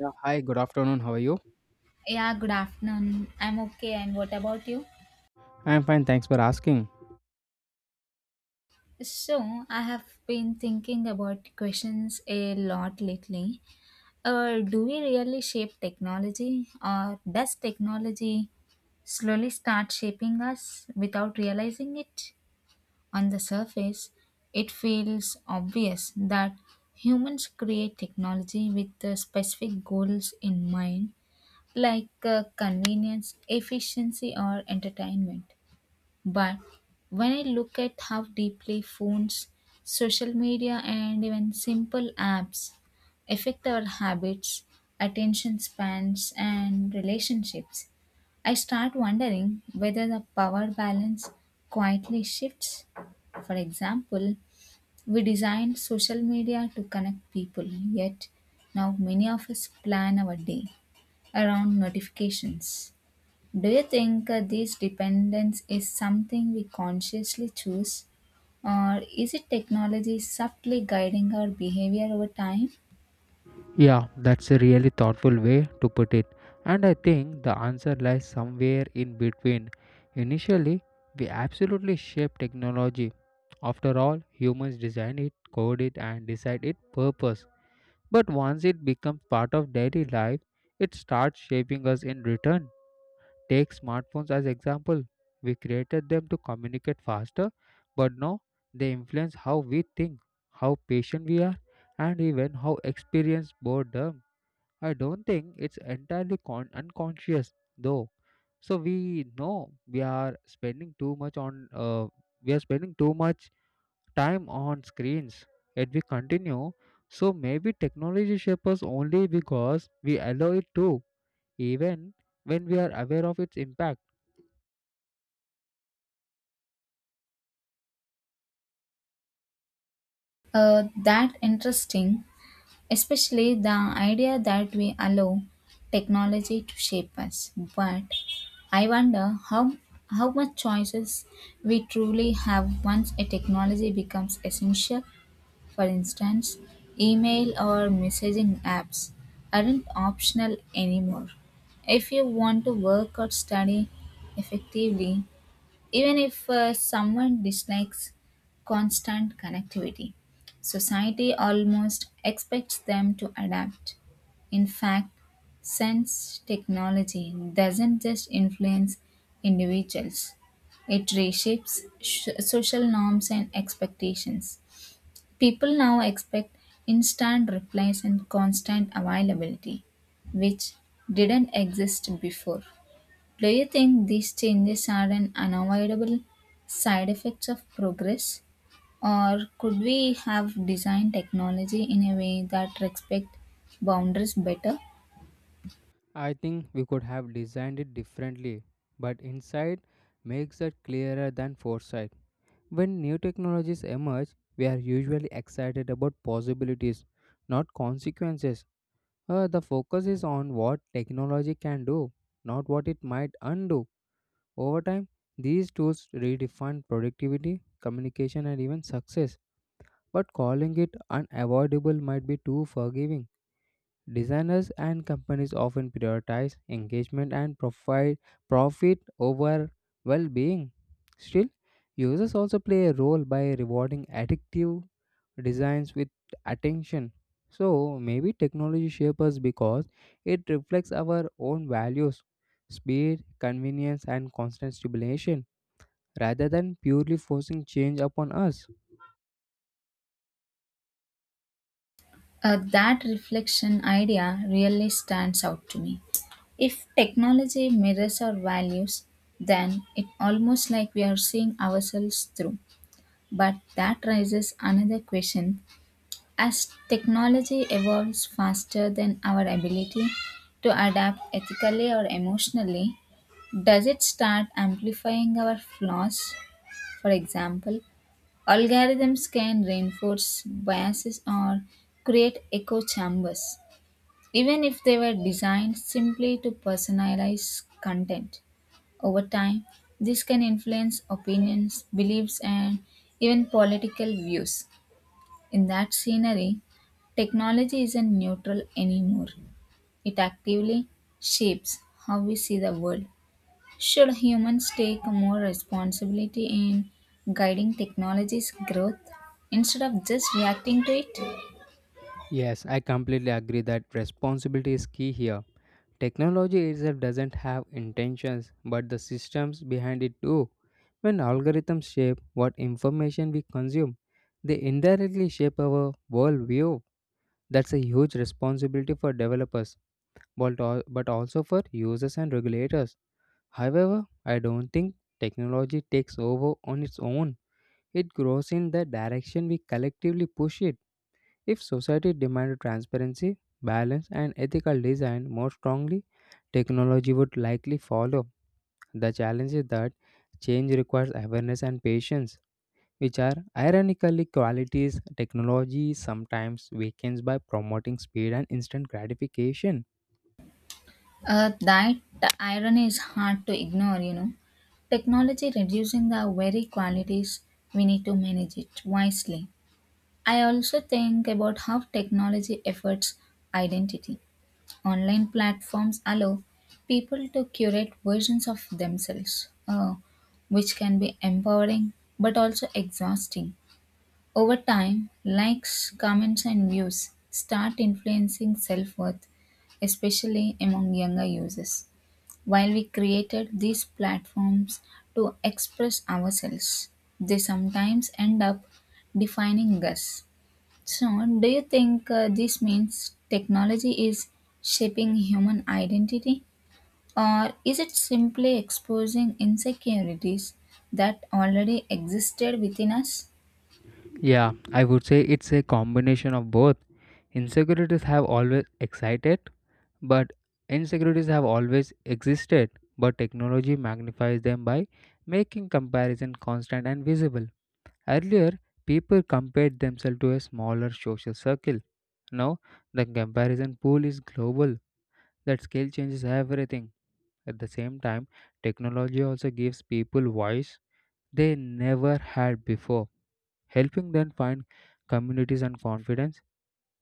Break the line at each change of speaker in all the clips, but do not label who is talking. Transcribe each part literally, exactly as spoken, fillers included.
Yeah, hi, good afternoon. How are you?
Yeah, good afternoon. I'm okay, and what about you?
I'm fine, thanks for asking.
So, I have been thinking about questions a lot lately. Uh, do we really shape technology, or does technology slowly start shaping us without realizing it? On the surface, it feels obvious that humans create technology with uh, specific goals in mind, like uh, convenience, efficiency, or entertainment. But when I look at how deeply phones, social media, and even simple apps affect our habits, attention spans, and relationships, I start wondering whether the power balance quietly shifts. For example, we designed social media to connect people, yet now many of us plan our day around notifications. Do you think uh, this dependence is something we consciously choose, or is it technology subtly guiding our behavior over time?
Yeah, that's a really thoughtful way to put it. And I think the answer lies somewhere in between. Initially, we absolutely shape technology. After all, humans design it, code it, and decide its purpose. But once it becomes part of daily life, it starts shaping us in return. Take smartphones as example. We created them to communicate faster, but now they influence how we think, how patient we are, and even how experienced boredom. I don't think it's entirely con- unconscious though. So we know we are spending too much on uh, we are spending too much time on screens. Yet we continue. So maybe technology shapes us only because we allow it to, even when we are aware of its impact.
Uh, that interesting, especially the idea that we allow technology to shape us. But I wonder how how much choices we truly have once a technology becomes essential. For instance, email or messaging apps aren't optional anymore. If you want to work or study effectively, even if uh, someone dislikes constant connectivity, society almost expects them to adapt. In fact, since technology doesn't just influence individuals, it reshapes sh- social norms and expectations. People now expect instant replies and constant availability, which didn't exist before. Do you think these changes are an unavoidable side effects of progress? Or could we have designed technology in a way that respect boundaries better?
I think we could have designed it differently, but insight makes it clearer than foresight. When new technologies emerge, we are usually excited about possibilities, not consequences. Uh, the focus is on what technology can do, not what it might undo. Over time, these tools redefine productivity, communication, and even success, but calling it unavoidable might be too forgiving. Designers and companies often prioritize engagement and profit, profit over well being. Still, users also play a role by rewarding addictive designs with attention. So, maybe technology shapes us because it reflects our own values, speed, convenience, and constant stimulation rather than purely forcing change upon us.
Uh, that reflection idea really stands out to me. If technology mirrors our values, then it almost like we are seeing ourselves through. But that raises another question. As technology evolves faster than our ability to adapt ethically or emotionally, does it start amplifying our flaws? For example, algorithms can reinforce biases or create echo chambers, even if they were designed simply to personalize content. Over time, this can influence opinions, beliefs, and even political views. In that scenery, technology isn't neutral anymore. It actively shapes how we see the world. Should humans take more responsibility in guiding technology's growth instead of just reacting to it?
Yes, I completely agree that responsibility is key here. Technology itself doesn't have intentions, but the systems behind it do. When algorithms shape what information we consume, they indirectly shape our worldview. That's a huge responsibility for developers, but al- but also for users and regulators. However, I don't think technology takes over on its own. It grows in the direction we collectively push it. If society demanded transparency, balance, and ethical design more strongly, technology would likely follow. The challenge is that change requires awareness and patience, which are ironically qualities technology sometimes weakens by promoting speed and instant gratification.
Uh, that irony is hard to ignore, you know. Technology reducing the very qualities we need to manage it wisely. I also think about how technology affects identity. Online platforms allow people to curate versions of themselves, uh, which can be empowering but also exhausting. Over time, likes, comments, and views start influencing self worth, especially among younger users. While we created these platforms to express ourselves, they sometimes end up defining us. So, do you think uh, this means technology is shaping human identity, or is it simply exposing insecurities that already existed within us?
Yeah, I would say it's a combination of both. Insecurities have always excited But Insecurities have always existed, but technology magnifies them by making comparison constant and visible. Earlier, people compared themselves to a smaller social circle. Now, the comparison pool is global. That scale changes everything. At the same time, technology also gives people voice they never had before, helping them find communities and confidence.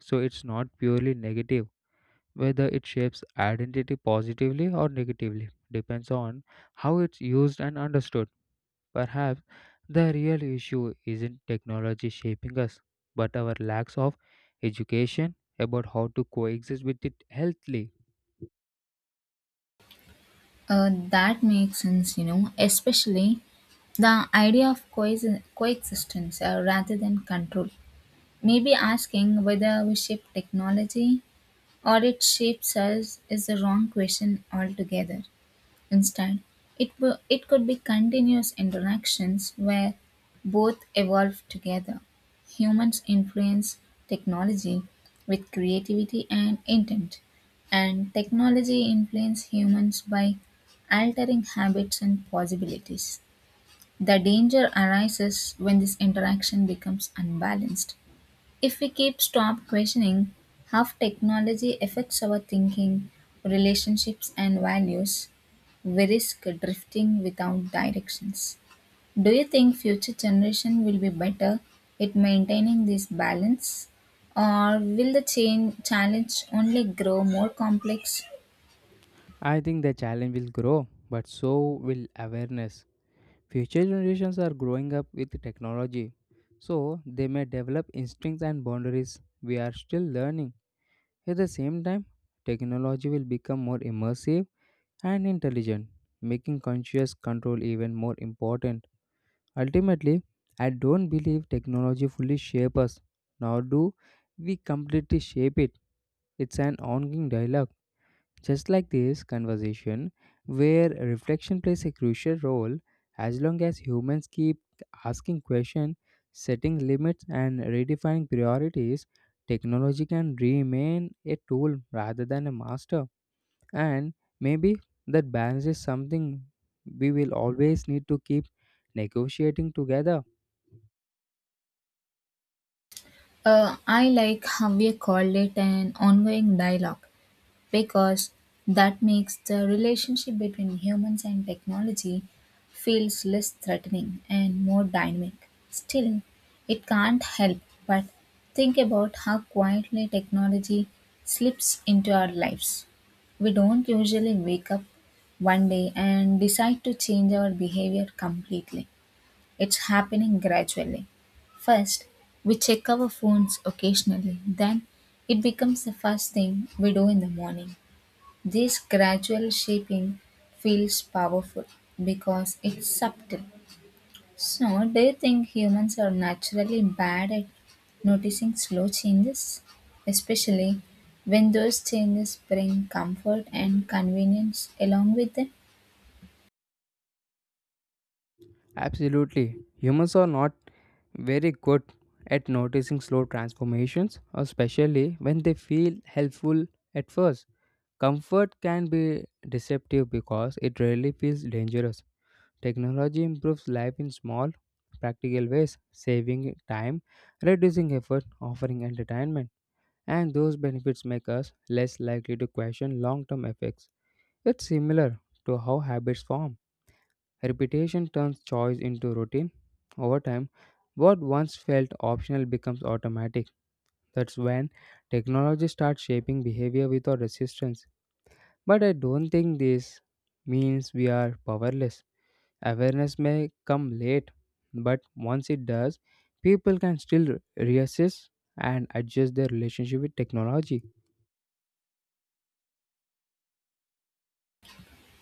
So, it's not purely negative whether it shapes identity positively or negatively depends on how it's used and understood. Perhaps the real issue isn't technology shaping us, but our lacks of education about how to coexist with it healthily.
Uh, that makes sense, you know, especially the idea of coexi- coexistence uh, rather than control. Maybe asking whether we shape technology or it shapes us is the wrong question altogether. Instead, it, wo- it could be continuous interactions where both evolve together. Humans influence technology with creativity and intent, and technology influences humans by altering habits and possibilities. The danger arises when this interaction becomes unbalanced if we keep stop questioning how technology affects our thinking, relationships and values, we risk drifting without directions. Do you think future generation will be better at maintaining this balance or will the change challenge only grow more complex?
I think the challenge will grow, but so will awareness. Future generations are growing up with technology, so they may develop instincts and boundaries. We are still learning. At the same time, technology will become more immersive and intelligent, making conscious control even more important. Ultimately, I don't believe technology fully shapes us, nor do we completely shape it. It's an ongoing dialogue, just like this conversation, where reflection plays a crucial role as long as humans keep asking questions, setting limits, and redefining priorities. Technology can remain a tool rather than a master, and maybe that balance is something we will always need to keep negotiating together.
Uh, I like how you called it an ongoing dialogue because that makes the relationship between humans and technology feels less threatening and more dynamic. Still, it can't help but think about how quietly technology slips into our lives. We don't usually wake up one day and decide to change our behavior completely. It's happening gradually. First, we check our phones occasionally, then, it becomes the first thing we do in the morning. This gradual shaping feels powerful because it's subtle. So, do you think humans are naturally bad at noticing slow changes, especially when those changes bring comfort and convenience along with them?
Absolutely. Humans are not very good at noticing slow transformations, especially when they feel helpful at first. Comfort can be deceptive because it rarely feels dangerous. Technology improves life in small, practical ways, saving time, reducing effort, offering entertainment. And those benefits make us less likely to question long term effects. It's similar to how habits form. Repetition turns choice into routine. Over time, what once felt optional becomes automatic. That's when technology starts shaping behavior without resistance. But I don't think this means we are powerless. Awareness may come late, but once it does, people can still reassess and adjust their relationship with technology.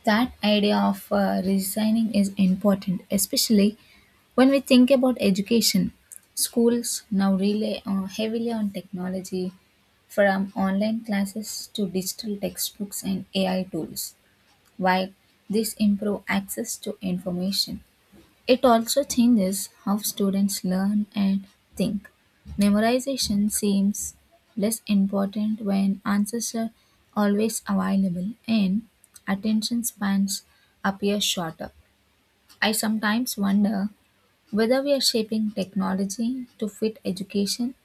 That idea of uh, resigning is important, especially when we think about education. Schools now rely uh, heavily on technology, from online classes to digital textbooks and A I tools. While this improve access to information, it also changes how students learn and think. Memorization seems less important when answers are always available and attention spans appear shorter. I sometimes wonder whether we are shaping technology to fit education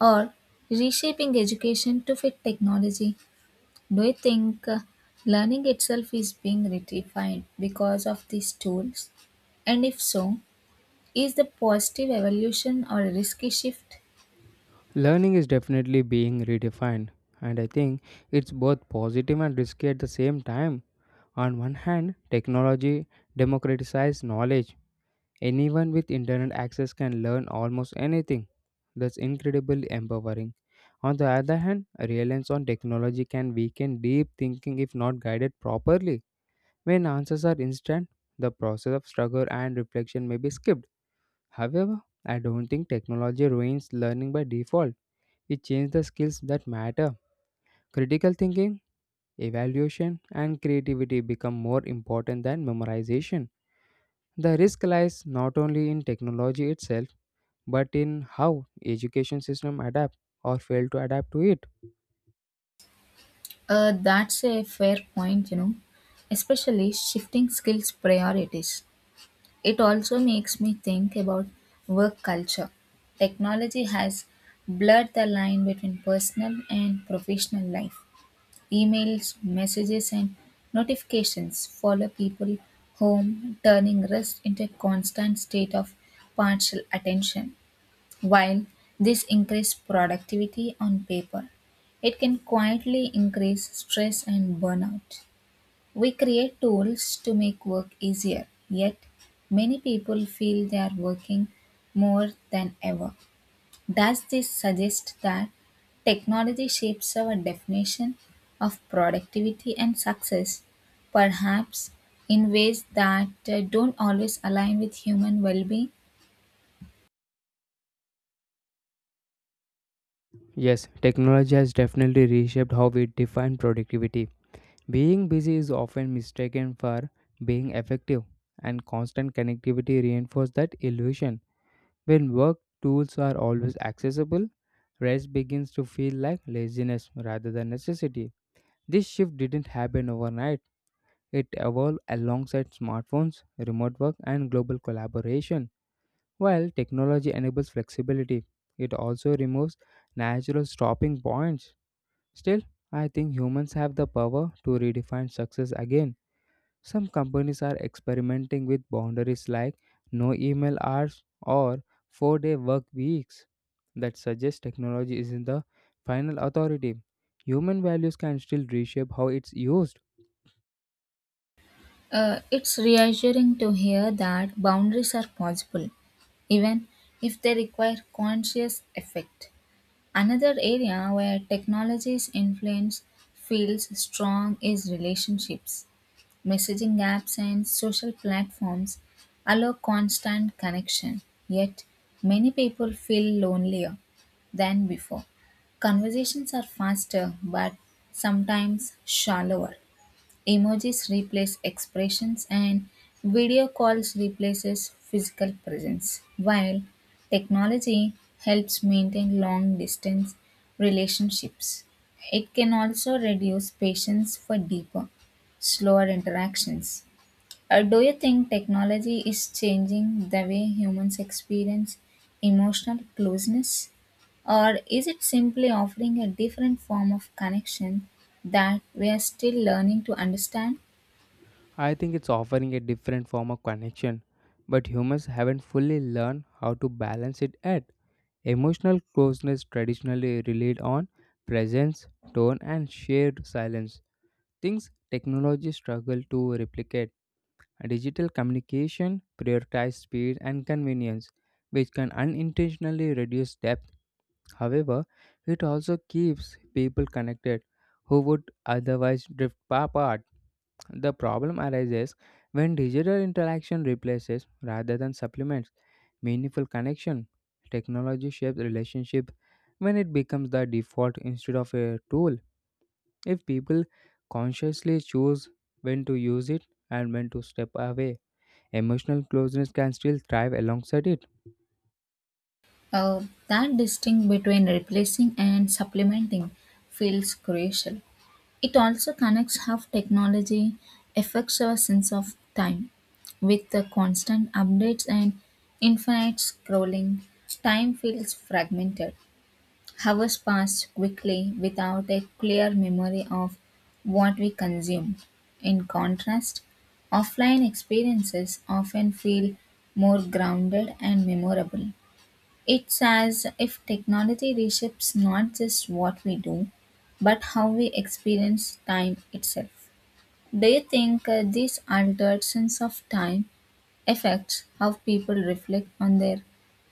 or reshaping education to fit technology. Do you think uh, learning itself is being redefined because of these tools? And if so, is the positive evolution or a risky shift?
Learning is definitely being redefined, and I think it's both positive and risky at the same time. On one hand, technology democratizes knowledge. Anyone with internet access can learn almost anything. That's incredibly empowering. On the other hand, reliance on technology can weaken deep thinking if not guided properly. When answers are instant, the process of struggle and reflection may be skipped. However, I don't think technology ruins learning by default. It changed the skills that matter. Critical thinking, evaluation, and creativity become more important than memorization. The risk lies not only in technology itself, but in how education system adapt or fail to adapt to it.
Uh, that's a fair point, you know, especially shifting skills priorities. It also makes me think about work culture. Technology has blurred the line between personal and professional life. Emails, messages, and notifications follow people home, turning rest into a constant state of partial attention. While this increases productivity on paper, it can quietly increase stress and burnout. We create tools to make work easier, yet, many people feel they are working more than ever. Does this suggest that technology shapes our definition of productivity and success, perhaps in ways that uh, don't always align with human well being?
Yes, technology has definitely reshaped how we define productivity. Being busy is often mistaken for being effective, and constant connectivity reinforces that illusion. When work tools are always accessible, rest begins to feel like laziness rather than necessity. This shift didn't happen overnight. It evolved alongside smartphones, remote work, and global collaboration. While technology enables flexibility, it also removes natural stopping points. Still, I think humans have the power to redefine success again. Some companies are experimenting with boundaries like no email hours or four day work weeks that suggest technology isn't the final authority. Human values can still reshape how it's used.
Uh, it's reassuring to hear that boundaries are possible, even if they require conscious effort. Another area where technology's influence feels strong is relationships. Messaging apps and social platforms allow constant connection, yet, many people feel lonelier than before. Conversations are faster but sometimes shallower. Emojis replace expressions and video calls replaces physical presence. While technology helps maintain long distance relationships, it can also reduce patience for deeper, slower interactions. Uh, do you think technology is changing the way humans experience emotional closeness? Or is it simply offering a different form of connection that we are still learning to understand?
I think it's offering a different form of connection, but humans haven't fully learned how to balance it yet. Emotional closeness traditionally relied on presence, tone, and shared silence, things technology struggle to replicate. Digital communication prioritizes speed and convenience, which can unintentionally reduce depth. However, it also keeps people connected who would otherwise drift apart. The problem arises when digital interaction replaces rather than supplements meaningful connection. Technology shapes relationship when it becomes the default instead of a tool. If people consciously choose when to use it and when to step away, emotional closeness can still thrive alongside it.
Uh, that distinction between replacing and supplementing feels crucial. It also connects how technology affects our sense of time. With the constant updates and infinite scrolling, time feels fragmented. Hours pass quickly without a clear memory of what we consume. In contrast, offline experiences often feel more grounded and memorable. It's as if technology reshapes not just what we do, but how we experience time itself. Do you think uh, this altered sense of time affects how people reflect on their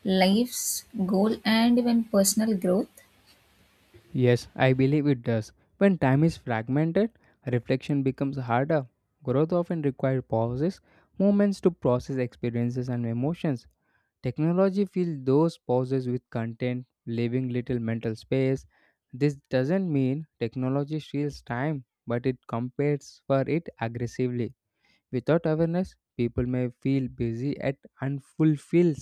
lives, goal, and even personal growth?
Yes, I believe it does. When time is fragmented, reflection becomes harder. Growth often requires pauses, moments to process experiences and emotions. Technology fills those pauses with content, leaving little mental space. This doesn't mean technology steals time, but it competes for it aggressively. Without awareness, people may feel busy at unfulfilled.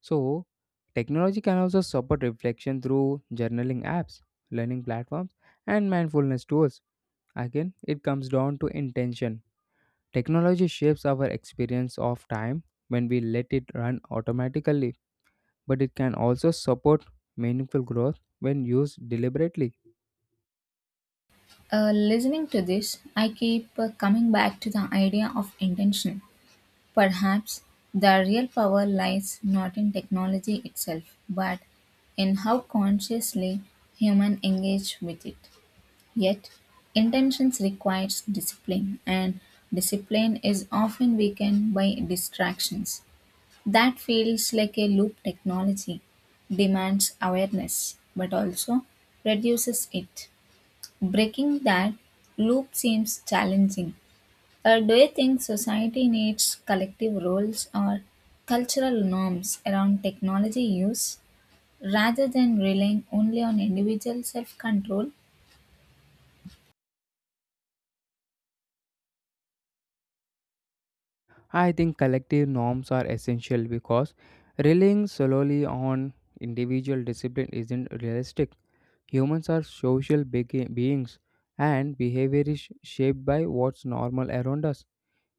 So, technology can also support reflection through journaling apps, learning platforms, and mindfulness tools. Again, it comes down to intention. Technology shapes our experience of time when we let it run automatically, but it can also support meaningful growth when used deliberately.
Uh, listening to this, I keep uh, coming back to the idea of intention. Perhaps the real power lies not in technology itself, but in how consciously human engage with it. Yet, intentions requires discipline, and discipline is often weakened by distractions. That feels like a loop technology demands awareness, but also reduces it. Breaking that loop seems challenging. Uh, do you think society needs collective roles or cultural norms around technology use rather than relying only on individual self control?
I think collective norms are essential because relying solely on individual discipline isn't realistic. Humans are social begi- beings, and behavior is sh- shaped by what's normal around us.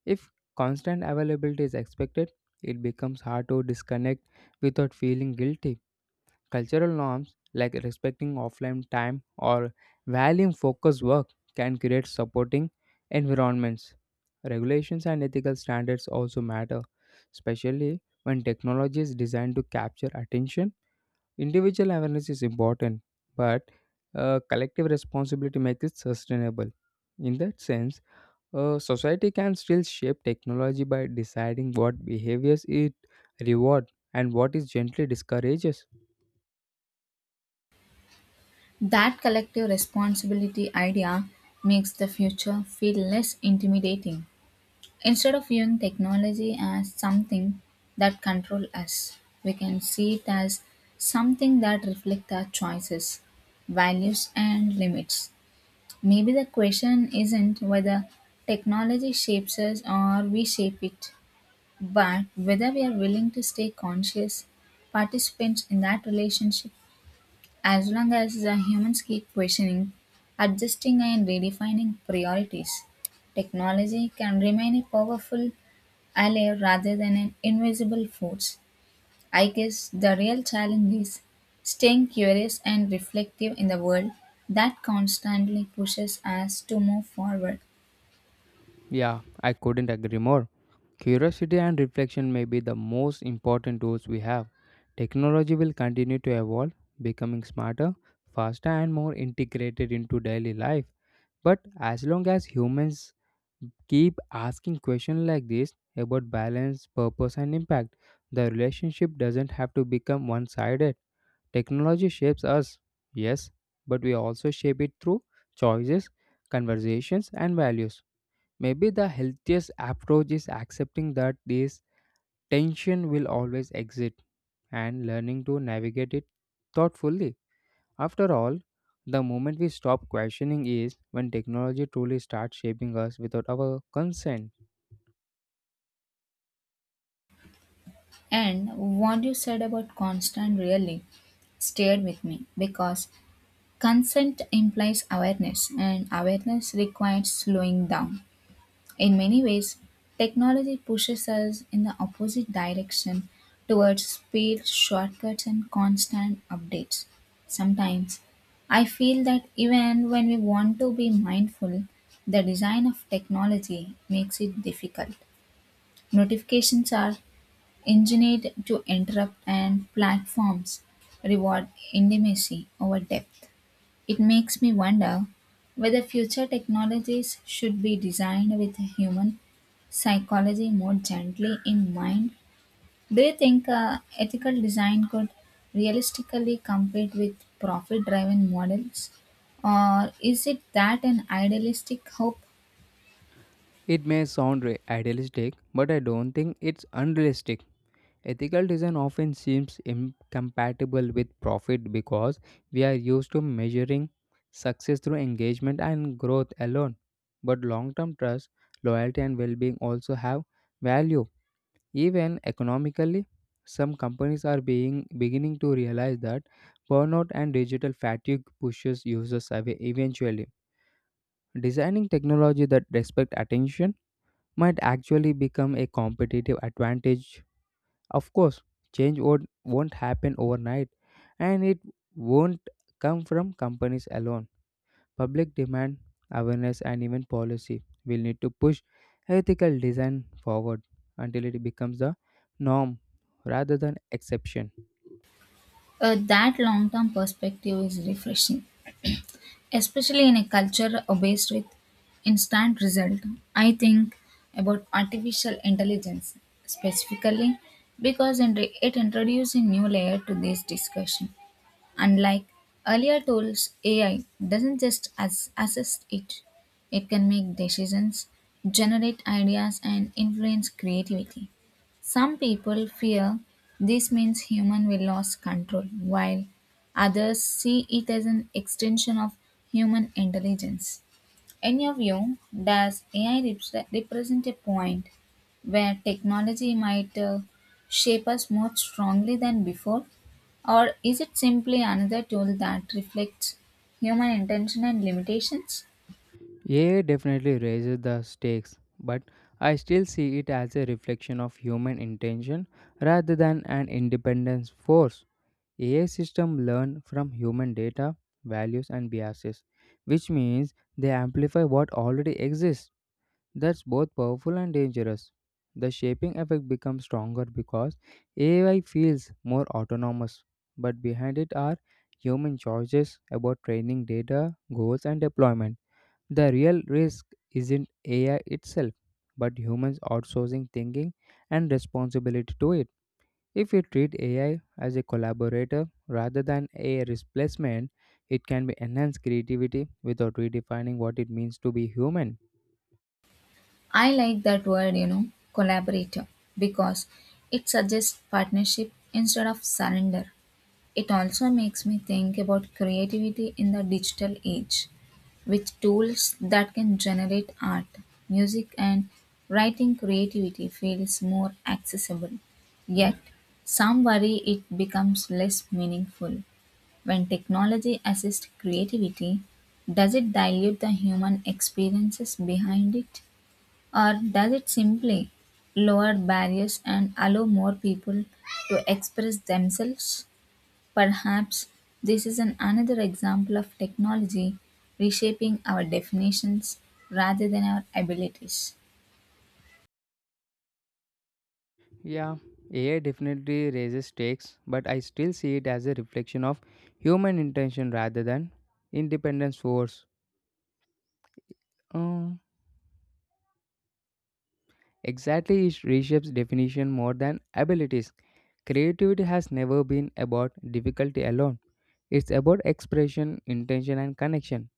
If constant availability is expected, it becomes hard to disconnect without feeling guilty. Cultural norms like respecting offline time or valuing focused work can create supporting environments. Regulations and ethical standards also matter, especially when technology is designed to capture attention. Individual awareness is important, but uh, collective responsibility makes it sustainable. In that sense, a society can still shape technology by deciding what behaviors it rewards and what it gently discourages.
That collective responsibility idea makes the future feel less intimidating. Instead of viewing technology as something that controls us, we can see it as something that reflects our choices, values, and limits. Maybe the question isn't whether technology shapes us or we shape it, but whether we are willing to stay conscious participants in that relationship as long as the humans keep questioning, adjusting, and redefining priorities. Technology can remain a powerful ally rather than an invisible force. I guess the real challenge is staying curious and reflective in the world that constantly pushes us to move forward.
Yeah, I couldn't agree more. Curiosity and reflection may be the most important tools we have. Technology will continue to evolve, becoming smarter, faster, and more integrated into daily life. But as long as humans keep asking questions like this about balance, purpose, and impact, the relationship doesn't have to become one sided. Technology shapes us, yes, but we also shape it through choices, conversations, and values. Maybe the healthiest approach is accepting that this tension will always exist and learning to navigate it thoughtfully. After all, the moment we stop questioning is when technology truly starts shaping us without our consent.
And what you said about constant really stayed with me because consent implies awareness, and awareness requires slowing down. In many ways, technology pushes us in the opposite direction towards speed, shortcuts, and constant updates. Sometimes, I feel that even when we want to be mindful, the design of technology makes it difficult. Notifications are engineered to interrupt, and platforms reward intimacy over depth. It makes me wonder whether future technologies should be designed with human psychology more gently in mind. Do you think uh, ethical design could realistically compete with profit driven models? Or is it that an idealistic hope?
It may sound re- idealistic, but I don't think it's unrealistic. Ethical design often seems incompatible with profit because we are used to measuring success through engagement and growth alone. But long term trust, loyalty, and well being also have value. Even economically, some companies are being beginning to realize that burnout and digital fatigue pushes users away eventually. Designing technology that respect attention might actually become a competitive advantage. Of course, change won't, won't happen overnight, and it won't come from companies alone. Public demand, awareness, and even policy will need to push ethical design forward until it becomes the norm rather than exception.
Uh, that long term perspective is refreshing, especially in a culture obsessed with instant result. I think about artificial intelligence specifically because it it introduces a new layer to this discussion. Unlike earlier tools, AI doesn't just as- assist. it it can make decisions, generate ideas and influence creativity. Some people fear this means human will lose control, while others see it as an extension of human intelligence. In your view, does A I repre- represent a point where technology might uh, shape us more strongly than before? Or is it simply another tool that reflects human intention and limitations?
A I definitely raises the stakes, but I still see it as a reflection of human intention rather than an independent force. A I systems learn from human data, values, and biases, which means they amplify what already exists. That's both powerful and dangerous. The shaping effect becomes stronger because A I feels more autonomous, but behind it are human choices about training data, goals, and deployment. The real risk isn't A I itself, but humans outsourcing thinking and responsibility to it. If we treat A I as a collaborator rather than a replacement, it can be enhance creativity without redefining what it means to be human.
I like that word, you know, collaborator, because it suggests partnership instead of surrender. It also makes me think about creativity in the digital age, with tools that can generate art, music, and writing creativity feels more accessible. Yet, some worry it becomes less meaningful. When technology assists creativity, does it dilute the human experiences behind it? Or does it simply lower barriers and allow more people to express themselves? Perhaps this is an another example of technology reshaping our definitions rather than our abilities.
Yeah, A I definitely raises stakes, but I still see it as a reflection of human intention rather than independence force. Um, exactly, it reshapes definition more than abilities. Creativity has never been about difficulty alone. It's about expression, intention, and connection.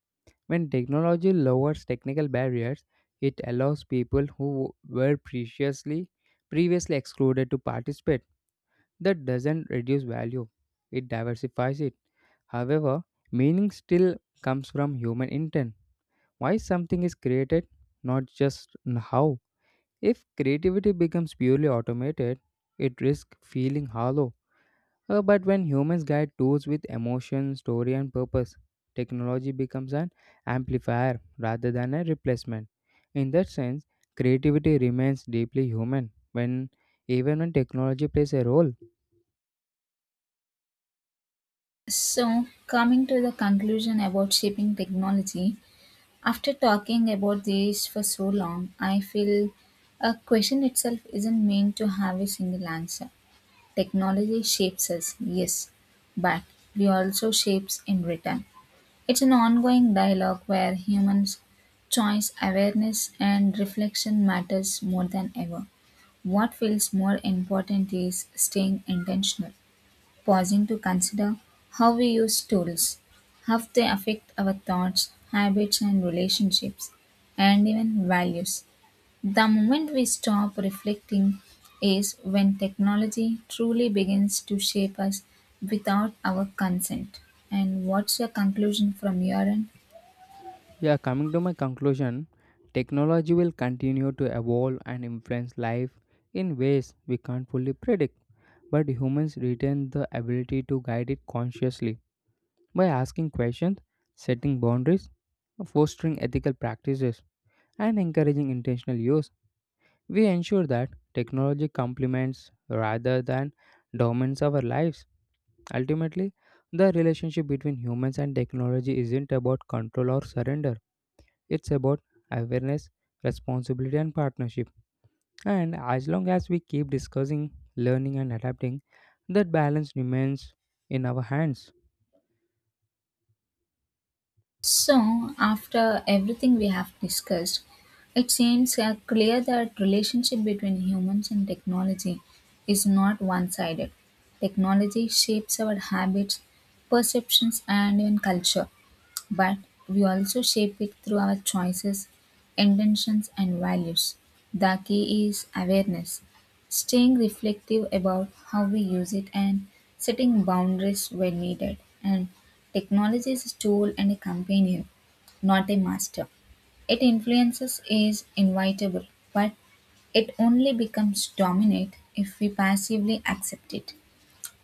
When technology lowers technical barriers, it allows people who were previously previously excluded to participate. That doesn't reduce value; it diversifies it. However, meaning still comes from human intent. Why something is created, not just n- how. If creativity becomes purely automated, it risks feeling hollow. Uh, but when humans guide tools with emotion, story, and purpose, technology becomes an amplifier rather than a replacement. In that sense, creativity remains deeply human when even when technology plays a role.
So, coming to the conclusion about shaping technology, after talking about this for so long, I feel a question itself isn't meant to have a single answer. Technology shapes us, yes, but we also shapes in return. It's an ongoing dialogue where humans choice, awareness and reflection matters more than ever. What feels more important is staying intentional, pausing to consider how we use tools, how they affect our thoughts, habits and relationships, and even values. The moment we stop reflecting is when technology truly begins to shape us without our consent. And what's your conclusion from your end?
Yeah, coming to my conclusion, technology will continue to evolve and influence life in ways we can't fully predict, but humans retain the ability to guide it consciously by asking questions, setting boundaries, fostering ethical practices, and encouraging intentional use. We ensure that technology complements rather than dominates our lives. Ultimately, the relationship between humans and technology isn't about control or surrender. It's about awareness, responsibility, and partnership. And as long as we keep discussing, learning, and adapting, that balance remains in our hands.
So, after everything we have discussed, it seems uh, clear that relationship between humans and technology is not one-sided. Technology shapes our habits, perceptions, and even culture, but we also shape it through our choices, intentions, and values. The key is awareness. Staying reflective about how we use it and setting boundaries when needed. And technology is a tool and a companion, not a master. It influences is inevitable, but it only becomes dominant if we passively accept it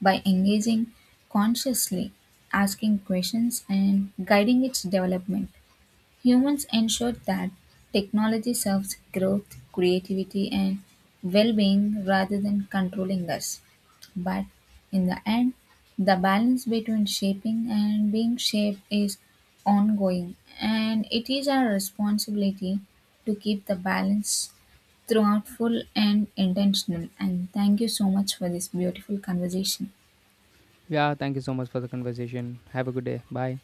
by engaging consciously, asking questions, and guiding its development. Humans ensure that technology serves growth, creativity, and well being rather than controlling us. But in the end, the balance between shaping and being shaped is ongoing, and it is our responsibility to keep the balance throughout full and intentional. And thank you so much for this beautiful conversation.
Yeah, thank you so much for the conversation. Have a good day. Bye.